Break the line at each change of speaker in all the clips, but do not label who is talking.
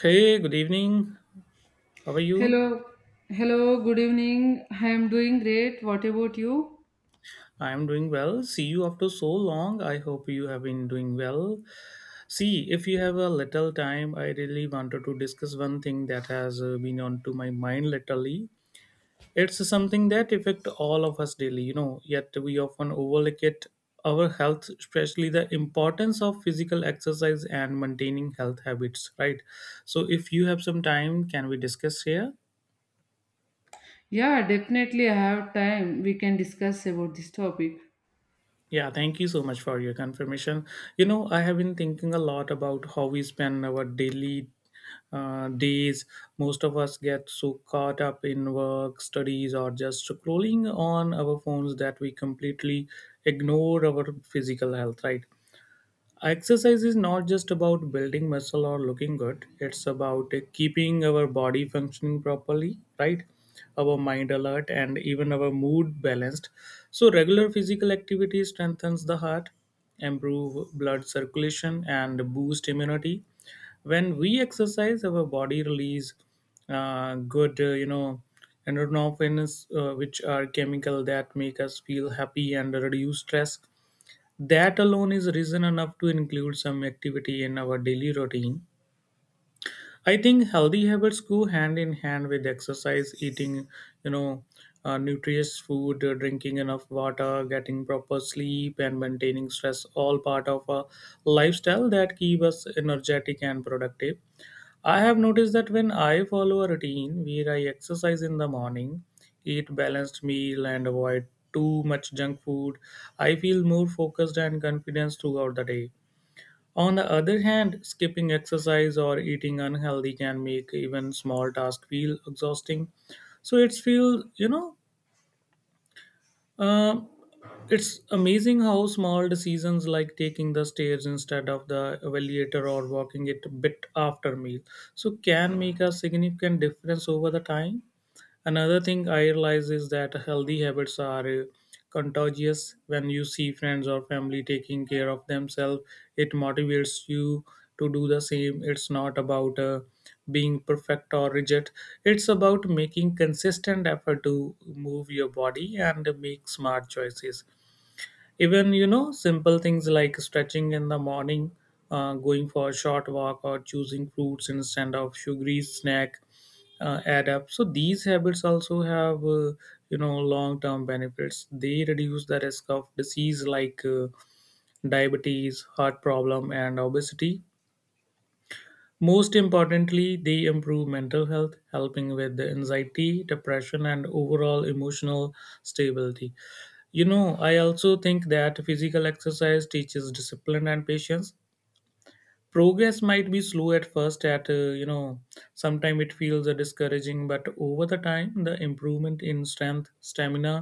Hey, good evening. How are you?
Hello, hello, good evening. I am doing great. What about you?
I'm doing well. See you after so long. I hope you have been doing well. See, if you have a little time, I really wanted to discuss one thing that has been on to my mind lately. It's something that affect all of us daily, you know, yet we often overlook it our health, especially the importance of physical exercise and maintaining health habits, right? So if you have some time, can we discuss here?
Yeah, definitely I have time. We can discuss about this topic.
Yeah, thank you so much for your confirmation. You know, I have been thinking a lot about how we spend our daily days. Most of us get so caught up in work, studies, or just scrolling on our phones that we completely ignore our physical health, right? Exercise is not just about building muscle or looking good. It's about keeping our body functioning properly, right? Our mind alert and even our mood balanced. So, regular physical activity strengthens the heart, improve blood circulation, and boost immunity. When we exercise, our body release uh, good, uh, you know, endorphins, which are chemical that make us feel happy and reduce stress that alone is reason enough to include some activity in our daily routine. I think healthy habits go hand in hand with exercise, eating, you know, nutritious food, drinking enough water, getting proper sleep, and maintaining stress. All part of a lifestyle that keep us energetic and productive. I have noticed that when I follow a routine where I exercise in the morning, eat balanced meal and avoid too much junk food, I feel more focused and confident throughout the day. On the other hand, skipping exercise or eating unhealthy can make even small tasks feel exhausting. So it's feel, you know, uh, it's amazing how small decisions like taking the stairs instead of the elevator or walking it a bit after meal so can make a significant difference over the time. Another thing I realize is that healthy habits are contagious. When you see friends or family taking care of themselves, it motivates you to do the same. It's not about being perfect or rigid, it's about making consistent effort to move your body and make smart choices. Even, you know, simple things like stretching in the morning, going for a short walk, or choosing fruits instead of sugary snack add up. So these habits also have long term benefits. They reduce the risk of disease like diabetes, heart problem, and obesity. Most importantly they improve mental health, helping with the anxiety, depression, and overall emotional stability. You know, I also think that physical exercise teaches discipline and patience. Progress might be slow at first at you know sometime it feels discouraging, but over the time the improvement in strength, stamina,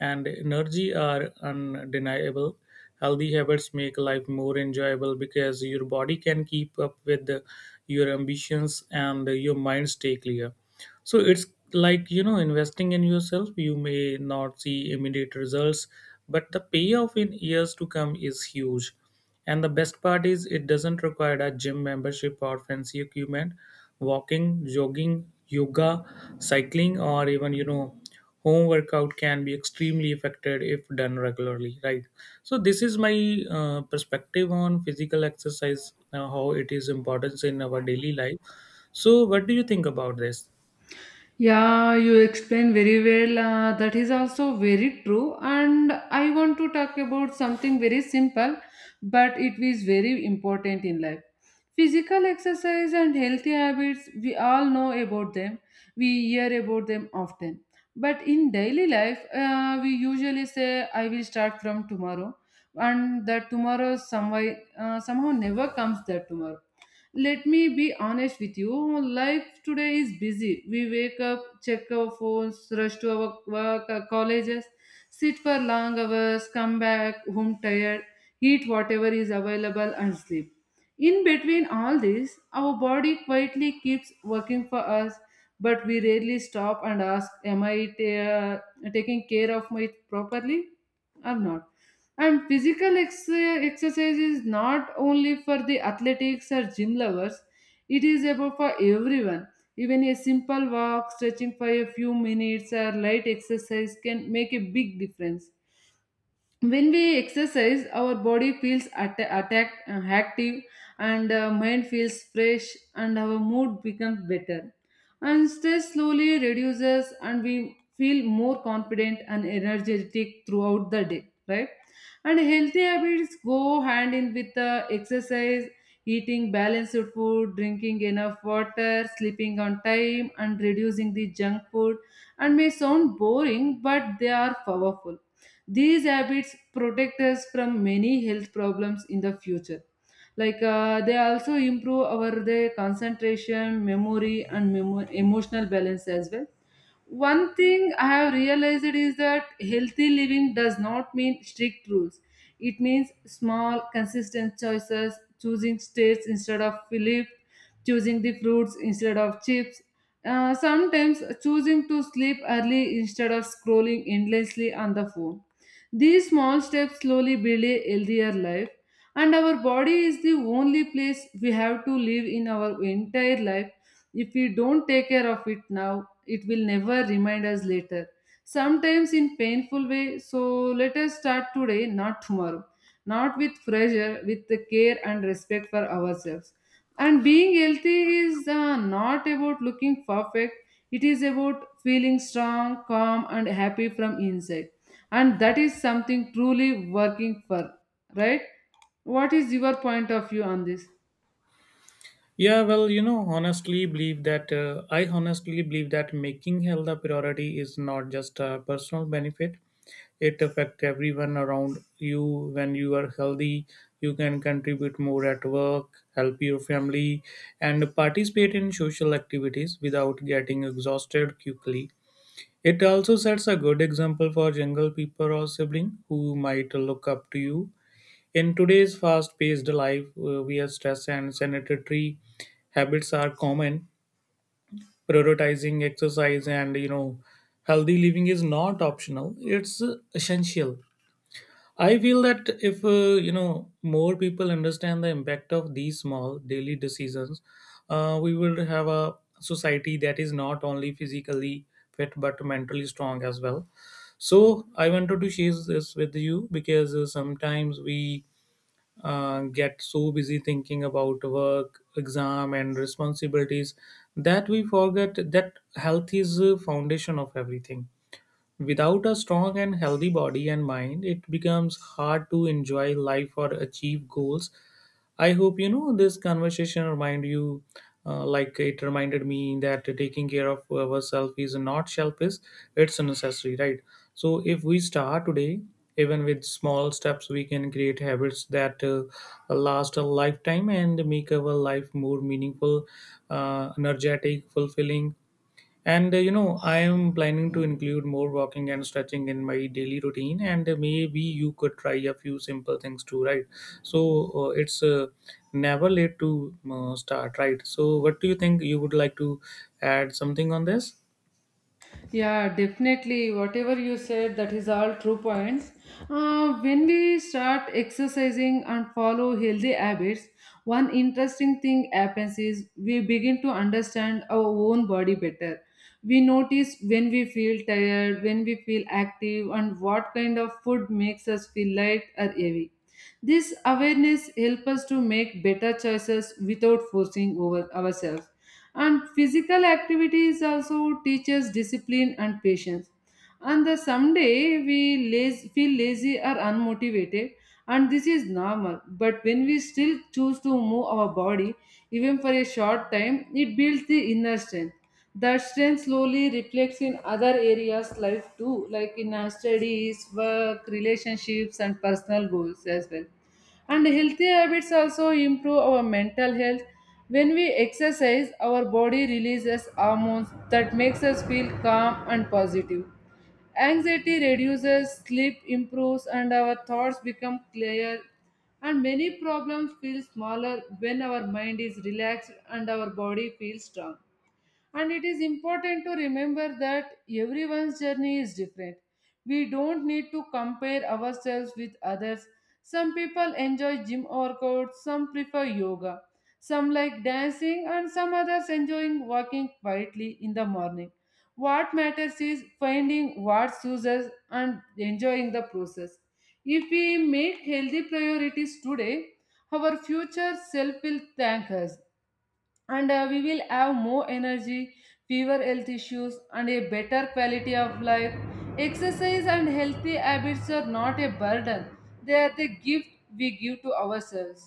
and energy are undeniable. Healthy habits make life more enjoyable because your body can keep up with your ambitions and your mind stay clear. So it's like, you know, investing in yourself. You may not see immediate results, but the payoff in years to come is huge. And the best part is it doesn't require a gym membership or fancy equipment. Walking, jogging, yoga, cycling, or even, you know, home workout can be extremely effective if done regularly, right? So this is my perspective on physical exercise, how it is importance in our daily life. So what do you think about this?
Yeah, you explained very well. That is also very true. And I want to talk about something very simple, but it is very important in life. Physical exercise and healthy habits, we all know about them. We hear about them often. But in daily life, we usually say, I will start from tomorrow and that tomorrow somehow never comes that tomorrow. Let me be honest with you. Life today is busy. We wake up, check our phones, rush to our work, colleges, sit for long hours, come back home tired, eat whatever is available, and sleep. In between all this, our body quietly keeps working for us, but we rarely stop and ask, am taking care of it properly or not? And physical exercise is not only for the athletics or gym lovers, it is about for everyone. Even a simple walk, stretching for a few minutes, or light exercise can make a big difference. When we exercise, our body feels active, and mind feels fresh, and our mood becomes better. And stress slowly reduces, and we feel more confident and energetic throughout the day, right? And healthy habits go hand in with the exercise, eating balanced food, drinking enough water, sleeping on time, and reducing the junk food, and may sound boring, but they are powerful. These habits protect us from many health problems in the future. Like they also improve our the concentration, memory, and emotional balance as well. One thing I have realized is that healthy living does not mean strict rules. It means small, consistent choices, choosing states instead of Philip, choosing the fruits instead of chips, sometimes choosing to sleep early instead of scrolling endlessly on the phone. These small steps slowly build a healthier life, and our body is the only place we have to live in our entire life. If we don't take care of it now, it will never remind us later. Sometimes in painful way, so let us start today, not tomorrow. Not with pressure, with the care and respect for ourselves. And being healthy is not about looking perfect. It is about feeling strong, calm, and happy from inside. And that is something truly working for, right? What is your point of view on this?
Yeah, well, you know, honestly believe that I honestly believe that making health a priority is not just a personal benefit. It affects everyone around you. When you are healthy, you can contribute more at work, help your family, and participate in social activities without getting exhausted quickly. It also sets a good example for younger people or siblings who might look up to you. In today's fast paced life, where stress and sanitary habits are common, prioritizing exercise and, you know, healthy living is not optional, it's essential. I feel that if, you know, more people understand the impact of these small daily decisions, we will have a society that is not only physically fit but mentally strong as well. So I wanted to share this with you because sometimes we get so busy thinking about work, exam, and responsibilities that we forget that health is the foundation of everything. Without a strong and healthy body and mind, it becomes hard to enjoy life or achieve goals. I hope, you know, this conversation remind you, like it reminded me, that taking care of ourselves is not selfish; it's necessary, right? So if we start today, even with small steps, we can create habits that last a lifetime and make our life more meaningful, energetic, fulfilling, and, you know, I am planning to include more walking and stretching in my daily routine, and maybe you could try a few simple things too, right? So it's never late to start, right? So, what do you think? You would like to add something on this?
Yeah, definitely. Whatever you said, that is all true points. When we start exercising and follow healthy habits, one interesting thing happens is we begin to understand our own body better. We notice when we feel tired, when we feel active, and what kind of food makes us feel light or heavy. This awareness helps us to make better choices without forcing over ourselves. And physical activities also teaches discipline and patience. And the someday we feel lazy or unmotivated, and this is normal, but when we still choose to move our body, even for a short time, it builds the inner strength. That strength slowly reflects in other areas life too, like in our studies, work, relationships, and personal goals as well. And healthy habits also improve our mental health. When we exercise, our body releases hormones that makes us feel calm and positive. Anxiety reduces, sleep improves, and our thoughts become clear, and many problems feel smaller when our mind is relaxed and our body feels strong. And it is important to remember that everyone's journey is different. We don't need to compare ourselves with others. Some people enjoy gym workouts, some prefer yoga, some like dancing, and some others enjoying walking quietly in the morning. What matters is finding what suits us and enjoying the process. If we make healthy priorities today, our future self will thank us, and we will have more energy, fewer health issues, and a better quality of life. Exercise and healthy habits are not a burden, they are the gift we give to ourselves.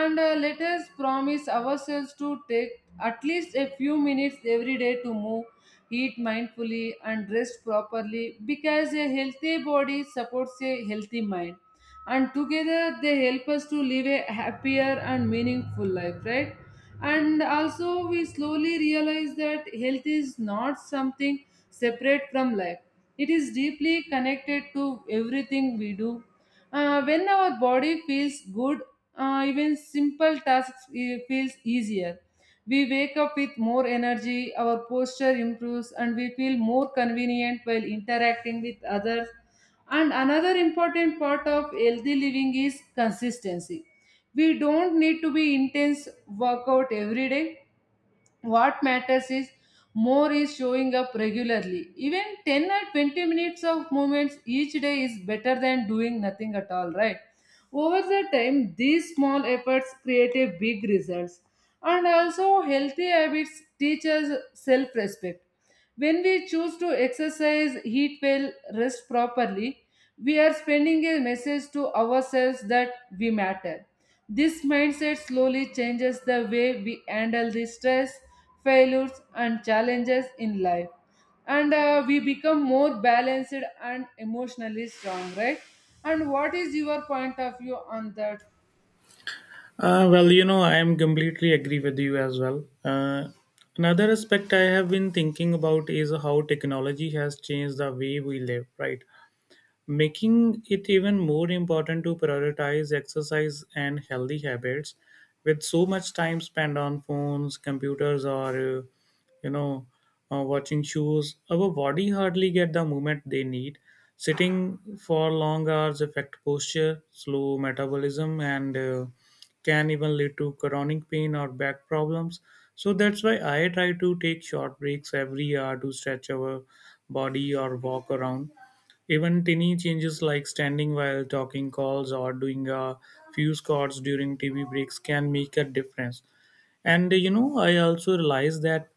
And let us promise ourselves to take at least a few minutes every day to move, eat mindfully, and rest properly, because a healthy body supports a healthy mind, and together they help us to live a happier and meaningful life, right? And also, we slowly realize that health is not something separate from life, it is deeply connected to everything we do. When our body feels good, even simple tasks feels easier. We wake up with more energy, our posture improves, and we feel more convenient while interacting with others. And another important part of healthy living is consistency. We don't need to be intense workout every day. What matters is more is showing up regularly. Even 10 or 20 minutes of movements each day is better than doing nothing at all, right? Over the time, these small efforts create a big results. And also, healthy habits teach us self respect. When we choose to exercise, eat well, rest properly, we are sending a message to ourselves that we matter. This mindset slowly changes the way we handle the stress, failures, and challenges in life, and we become more balanced and emotionally strong, right? And what is your point of view on that?
Well, you know, I am completely agree with you as well. Another aspect I have been thinking about is how technology has changed the way we live, right? Making it even more important to prioritize exercise and healthy habits with so much time spent on phones, computers, or uh, you know watching shows, our body hardly get the movement they need. Sitting for long hours affect posture, slow metabolism, and can even lead to chronic pain or back problems. So that's why I try to take short breaks every hour to stretch our body or walk around. Even tiny changes like standing while talking calls or doing a few squats during TV breaks can make a difference. And you know, I also realized that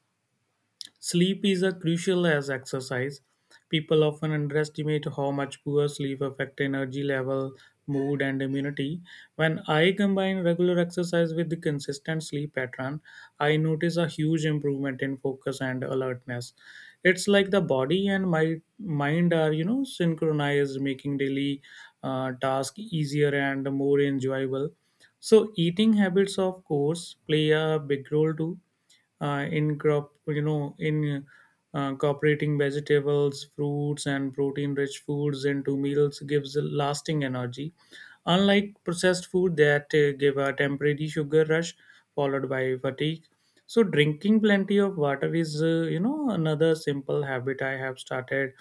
sleep is as crucial as exercise. People often underestimate how much poor sleep affects energy level, mood, and immunity. When I combine regular exercise with the consistent sleep pattern, I notice a huge improvement in focus and alertness. It's like the body and my mind are, you know, synchronized, making daily task easier and more enjoyable. So, eating habits, of course, play a big role too in crop you know in incorporating vegetables, fruits, and protein rich foods into meals gives a lasting energy, unlike processed food that give a temporary sugar rush followed by fatigue. So drinking plenty of water is, you know, another simple habit I have started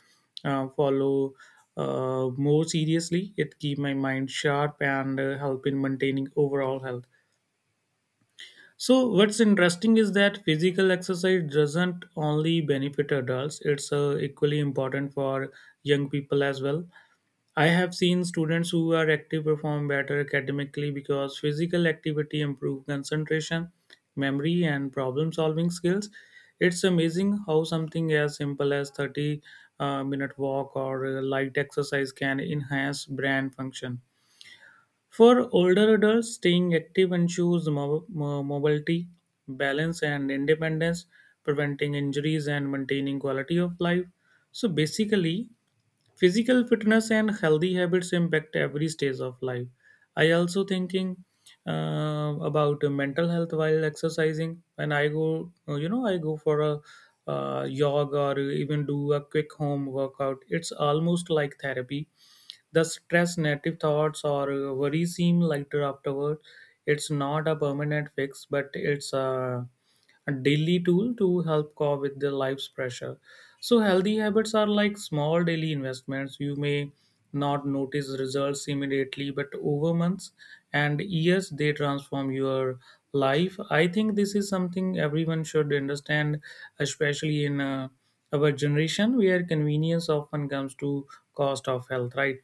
follow more seriously. It keep my mind sharp and help in maintaining overall health. So what's interesting is that physical exercise doesn't only benefit adults, it's equally important for young people as well. I have seen students who are active perform better academically because physical activity improve concentration, memory, and problem solving skills. It's amazing how something as simple as 30 minute walk or light exercise can enhance brain function. For older adults, staying active ensures mobility, balance, and independence, preventing injuries and maintaining quality of life. So basically, physical fitness and healthy habits impact every stage of life. I also thinking about mental health while exercising. When I go, I go for a jog or even do a quick home workout, it's almost like therapy. The stress, negative thoughts, or worry seem lighter afterward. It's not a permanent fix, but it's a daily tool to help cope with the life's pressure. So, healthy habits are like small daily investments. You may not notice results immediately, but over months and years, they transform your life. I think this is something everyone should understand, especially in our generation where convenience often comes to cost of health, right?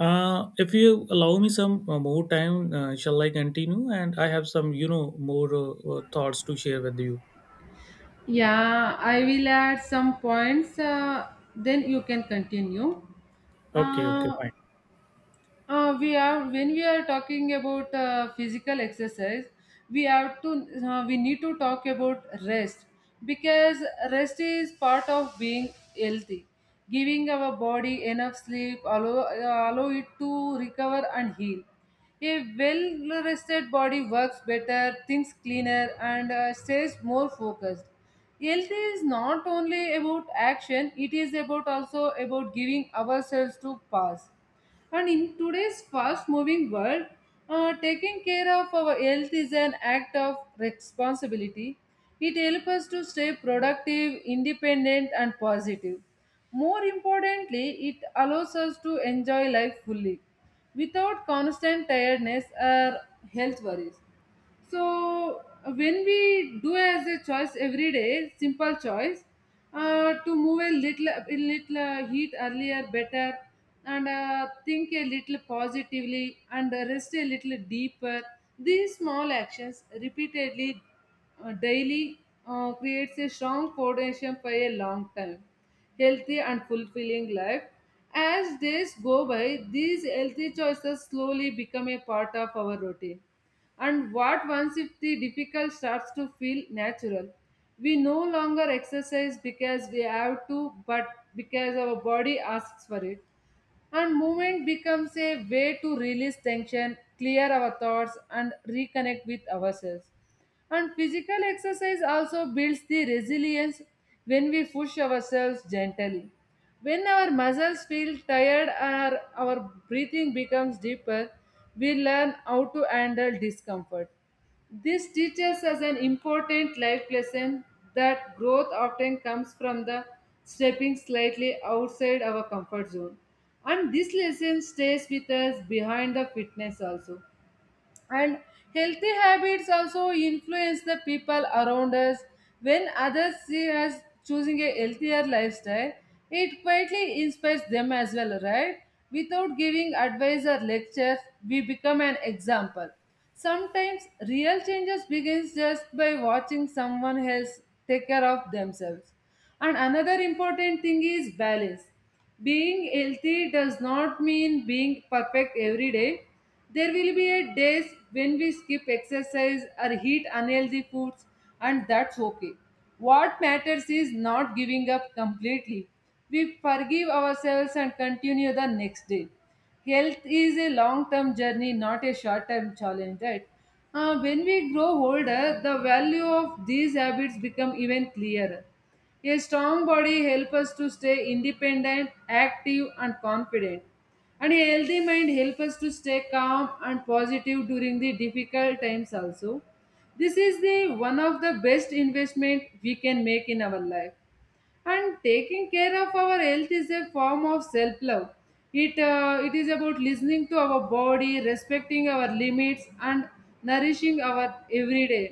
If you allow me some more time, shall I continue? And I have some, you know, more thoughts to share with you.
Yeah, I will add some points, then you can continue.
Okay, okay,
uh,
fine.
uh, we are when we are talking about physical exercise, we need to talk about rest, because rest is part of being healthy. Giving our body enough sleep allow it to recover and heal. A well rested body works better, thinks cleaner, and stays more focused. Health is not only about action, it is about also about giving ourselves to pass. And in today's fast moving world, taking care of our health is an act of responsibility. It helps us to stay productive, independent, and positive. More importantly, it allows us to enjoy life fully without constant tiredness or health worries. So when we do as a choice every day, simple choice, to move a little, a little heat earlier better, and think a little positively, and rest a little deeper, these small actions repeatedly, daily, creates a strong foundation for a long time, healthy and fulfilling life. As days go by, these healthy choices slowly become a part of our routine, and what once if the difficult starts to feel natural. We no longer exercise because we have to, but because our body asks for it. And movement becomes a way to release tension, clear our thoughts, and reconnect with ourselves. And physical exercise also builds the resilience when we push ourselves gently. When our muscles feel tired or our breathing becomes deeper, we learn how to handle discomfort. This teaches us an important life lesson, that growth often comes from the stepping slightly outside our comfort zone. And this lesson stays with us behind the fitness also. And healthy habits also influence the people around us. When others see us choosing a healthier lifestyle, it quietly inspires them as well, right? Without giving advice or lectures, we become an example. Sometimes real changes begins just by watching someone else take care of themselves. And another important thing is balance. Being healthy does not mean being perfect every day. There will be a days when we skip exercise or eat unhealthy foods, and that's okay. What matters is not giving up completely. We forgive ourselves and continue the next day. Health is a long term journey, not a short term challenge, right? When we grow older, the value of these habits become even clearer. A strong body helps us to stay independent, active, and confident. And a healthy mind helps us to stay calm and positive during the difficult times also. This is the one of the best investment we can make in our life. And taking care of our health is a form of self love. It is about listening to our body, respecting our limits, and nourishing our everyday.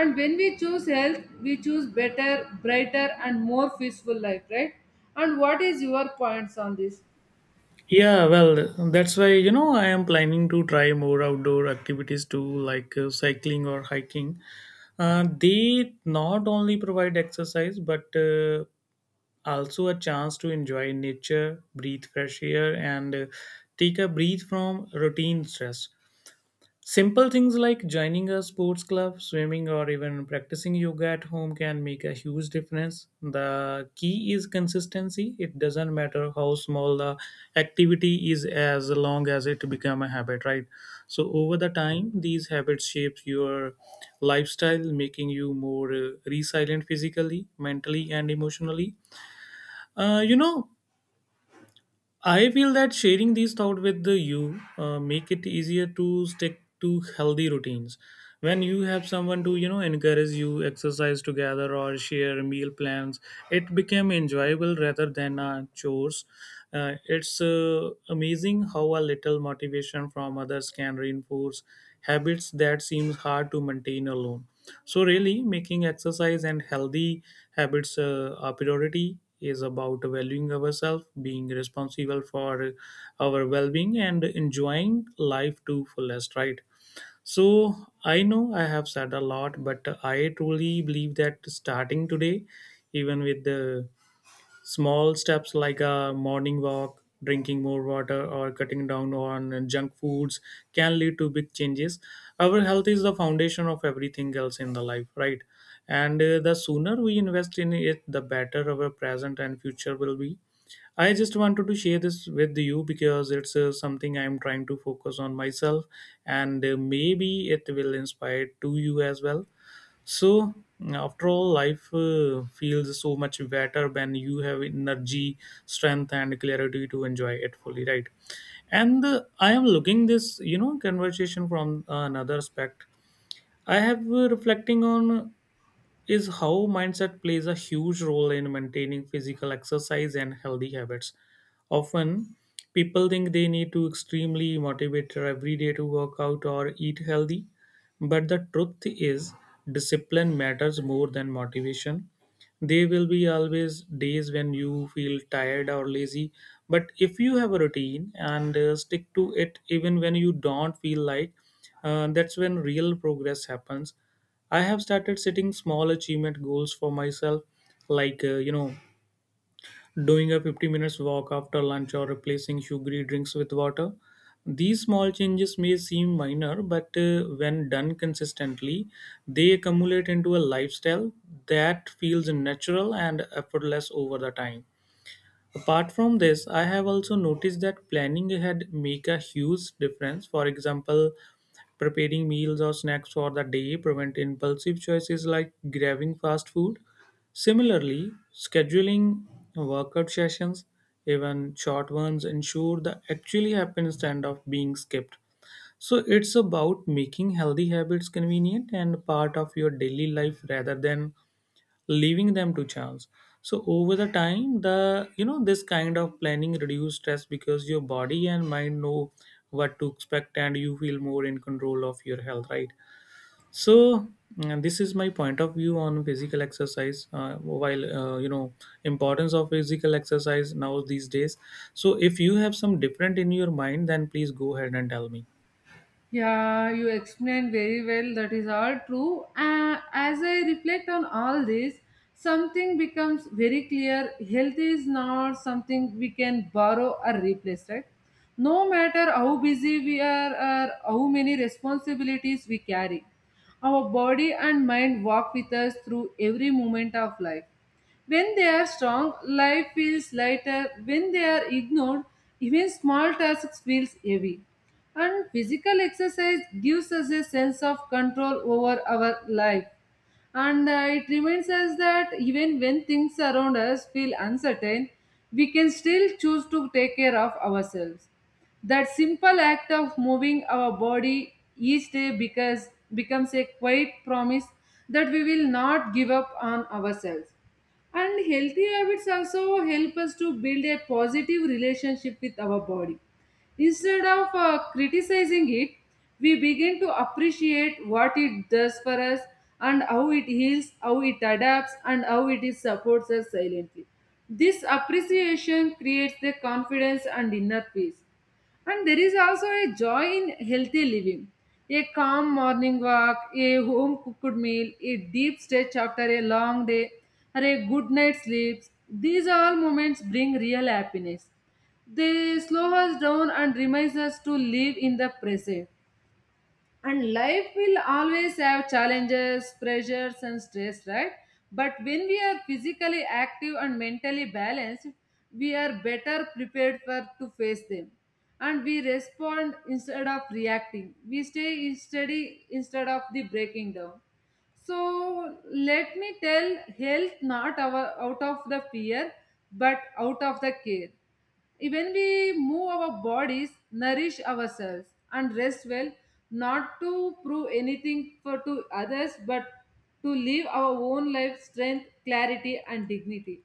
And when we choose health, we choose better, brighter, and more peaceful life, right? And what is your points on this?
Yeah, well, that's why, you know, I am planning to try more outdoor activities too, like cycling or hiking. They not only provide exercise, but also a chance to enjoy nature, breathe fresh air, and take a breath from routine stress. Simple things like joining a sports club, swimming, or even practicing yoga at home can make a huge difference. The key is consistency. It doesn't matter how small the activity is as long as it become a habit, right? So over the time, these habits shape your lifestyle, making you more resilient physically, mentally, and emotionally. You know, I feel that sharing these thoughts with the you make it easier to stick to healthy routines. When you have someone to, you know, encourage you exercise together or share meal plans, it became enjoyable rather than chores. It's amazing how a little motivation from others can reinforce habits that seems hard to maintain alone. So, really, making exercise and healthy habits a priority is about valuing ourselves, being responsible for our well being, and enjoying life to fullest, right? So, I know I have said a lot, but I truly believe that starting today, even with the small steps like a morning walk, drinking more water, or cutting down on junk foods can lead to big changes. Our health is the foundation of everything else in the life, right? And the sooner we invest in it, the better our present and future will be. I just wanted to share this with you because it's something I'm trying to focus on myself, and maybe it will inspire to you as well. So after all, life feels so much better when you have energy, strength, and clarity to enjoy it fully, right? And I am looking this, you know, conversation from another aspect. I have reflecting on is how mindset plays a huge role in maintaining physical exercise and healthy habits. Often, people think they need to extremely motivated every day to work out or eat healthy, but the truth is discipline matters more than motivation. There will be always days when you feel tired or lazy, but if you have a routine and stick to it even when you don't feel like, that's when real progress happens. I have started setting small achievement goals for myself, like doing a 50 minutes walk after lunch or replacing sugary drinks with water. These small changes may seem minor, but when done consistently, they accumulate into a lifestyle that feels natural and effortless over the time. Apart from this, I have also noticed that planning ahead make a huge difference. For example, preparing meals or snacks for the day prevent impulsive choices like grabbing fast food. Similarly, scheduling workout sessions, even short ones, ensure that actually happen instead of being skipped. So it's about making healthy habits convenient and part of your daily life rather than leaving them to chance. So over the time, the you know this kind of planning reduce stress because your body and mind know what to expect and you feel more in control of your health, right? So, this is my point of view on physical exercise, while importance of physical exercise now these days. So if you have some different in your mind, then please go ahead and tell me.
Yeah, you explained very well. That is all true. As I reflect on all this, something becomes very clear. Health is not something we can borrow or replace, right? No matter how busy we are or how many responsibilities we carry, our body and mind walk with us through every moment of life. When they are strong, life feels lighter. When they are ignored, even small tasks feels heavy. And physical exercise gives us a sense of control over our life. And it reminds us that even when things around us feel uncertain, we can still choose to take care of ourselves. That simple act of moving our body each day because becomes a quiet promise that we will not give up on ourselves. And healthy habits also help us to build a positive relationship with our body. Instead of criticizing it, we begin to appreciate what it does for us and how it heals, how it adapts, and how it is supports us silently. This appreciation creates the confidence and inner peace. And there is also a joy in healthy living. A calm morning walk, a home cooked meal, a deep stretch after a long day, or a good night's sleep. These all moments bring real happiness. They slow us down and reminds us to live in the present. And life will always have challenges, pressures, and stress, right? But when we are physically active and mentally balanced, we are better prepared for to face them. And we respond instead of reacting. We stay steady instead of the breaking down. So let me tell health not our, out of the fear but out of the care. Even we move our bodies, nourish ourselves, and rest well, not to prove anything for to others but to live our own life strength, clarity, and dignity.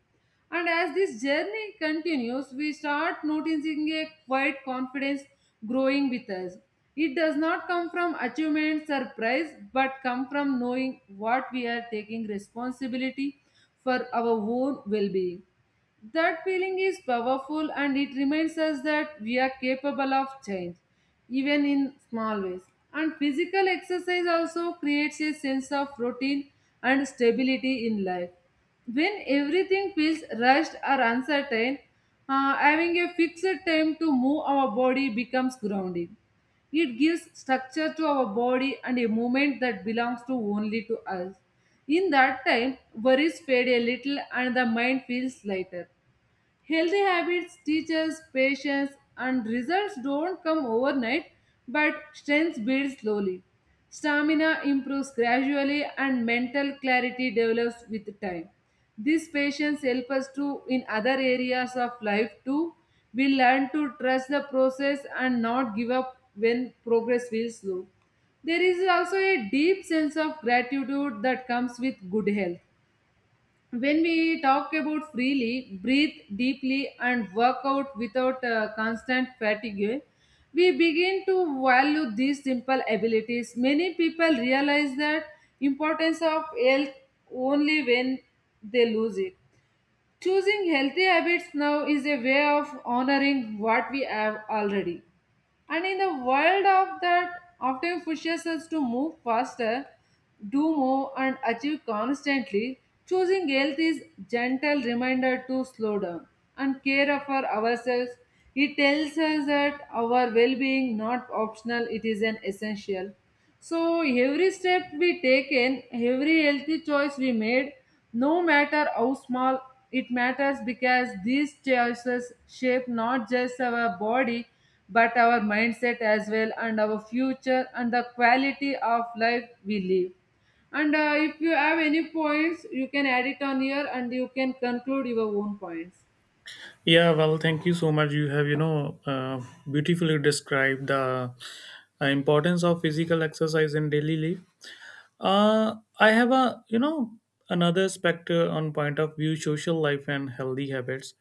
And as this journey continues, we start noticing a quiet confidence growing with us. It does not come from achievement surprise, but come from knowing what we are taking responsibility for our own well-being. That feeling is powerful and it reminds us that we are capable of change, even in small ways. And physical exercise also creates a sense of routine and stability in life. When everything feels rushed or uncertain, having a fixed time to move our body becomes grounding. It gives structure to our body and a movement that belongs to only to us. In that time, worries fade a little and the mind feels lighter. Healthy habits teach us patience, and results don't come overnight, but strength builds slowly. Stamina improves gradually, and mental clarity develops with time. This patience helps us to in other areas of life too. We learn to trust the process and not give up when progress feels slow. There is also a deep sense of gratitude that comes with good health. When we talk about freely, breathe deeply, and work out without constant fatigue, we begin to value these simple abilities. Many people realize that importance of health only when they lose it. Choosing healthy habits now is a way of honoring what we have already. And in the world of that often pushes us to move faster, do more and achieve constantly, choosing health is gentle reminder to slow down and care for ourselves. It tells us that our well-being not optional, it is an essential. So every step we take in, every healthy choice we made, no matter how small, it matters because these choices shape not just our body but our mindset as well and our future and the quality of life we live. And if you have any points, you can add it on here and you can conclude your own points.
Yeah, well, thank you so much. You have, you know, beautifully described the importance of physical exercise in daily life. I have a, you know, another specter on point of view social life and healthy habits.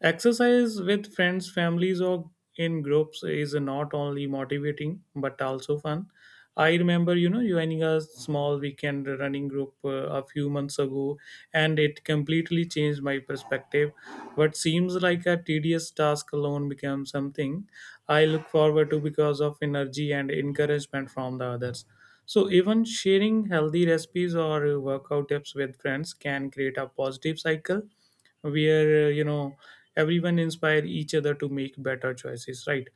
Exercise with friends, families, or in groups is not only motivating but also fun. I remember, you know, joining a small weekend running group a few months ago, and it completely changed my perspective. What seems like a tedious task alone becomes something I look forward to because of energy and encouragement from the others. So, even sharing healthy recipes or workout tips with friends can create a positive cycle where, everyone inspire each other to make better choices, right?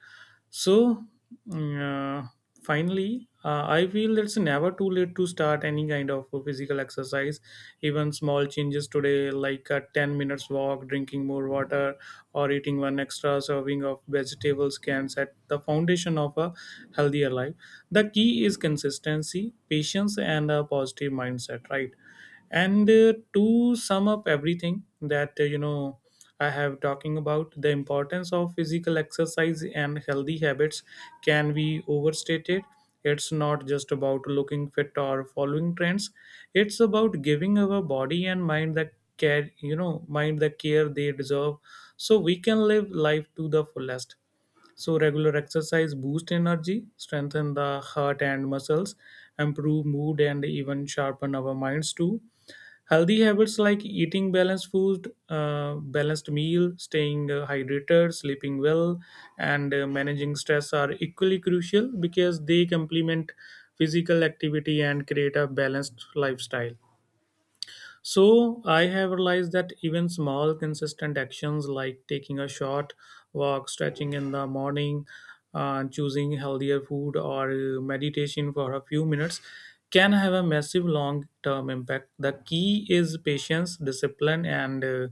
So, mm, uh, finally, I feel it's never too late to start any kind of physical exercise. Even small changes today, like a 10 minutes walk, drinking more water, or eating one extra serving of vegetables, can set the foundation of a healthier life. The key is consistency, patience, and a positive mindset, right? And to sum up everything that, I have talking about the importance of physical exercise and healthy habits can be overstated. It's not just about looking fit or following trends. It's about giving our body and mind the care, you know, mind the care they deserve so we can live life to the fullest. So regular exercise boosts energy, strengthen the heart and muscles, improve mood and even sharpen our minds too. Healthy habits like eating balanced food, balanced meal, staying hydrated, sleeping well, and managing stress are equally crucial because they complement physical activity and create a balanced lifestyle. So I have realized that even small, consistent actions like taking a short walk, stretching in the morning, choosing healthier food, or meditation for a few minutes can have a massive long term impact. The key is patience, discipline, and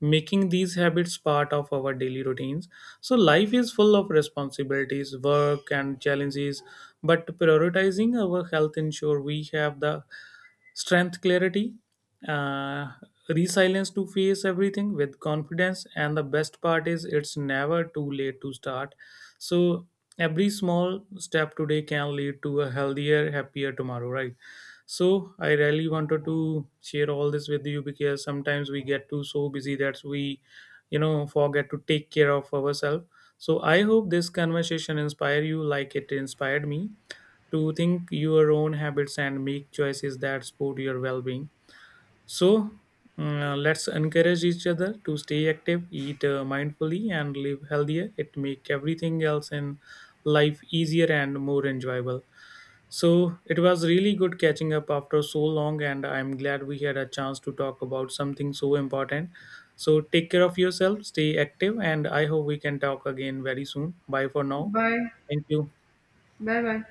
making these habits part of our daily routines. So, life is full of responsibilities, work, and challenges, but prioritizing our health ensure we have the strength, clarity, uh, resilience to face everything with confidence. And the best part is it's never too late to start, so every small step today can lead to a healthier happier tomorrow, right? So I really wanted to share all this with you because sometimes we get too so busy that we, you know, forget to take care of ourselves. So I hope this conversation inspire you like it inspired me to think your own habits and make choices that support your well-being. So, let's encourage each other to stay active, eat mindfully, and live healthier. It make everything else in life easier and more enjoyable. So it was really good catching up after so long, and I'm glad we had a chance to talk about something so important. So take care of yourself, stay active, and I hope we can talk again very soon. Bye for now.
Bye.
Thank you.
Bye bye.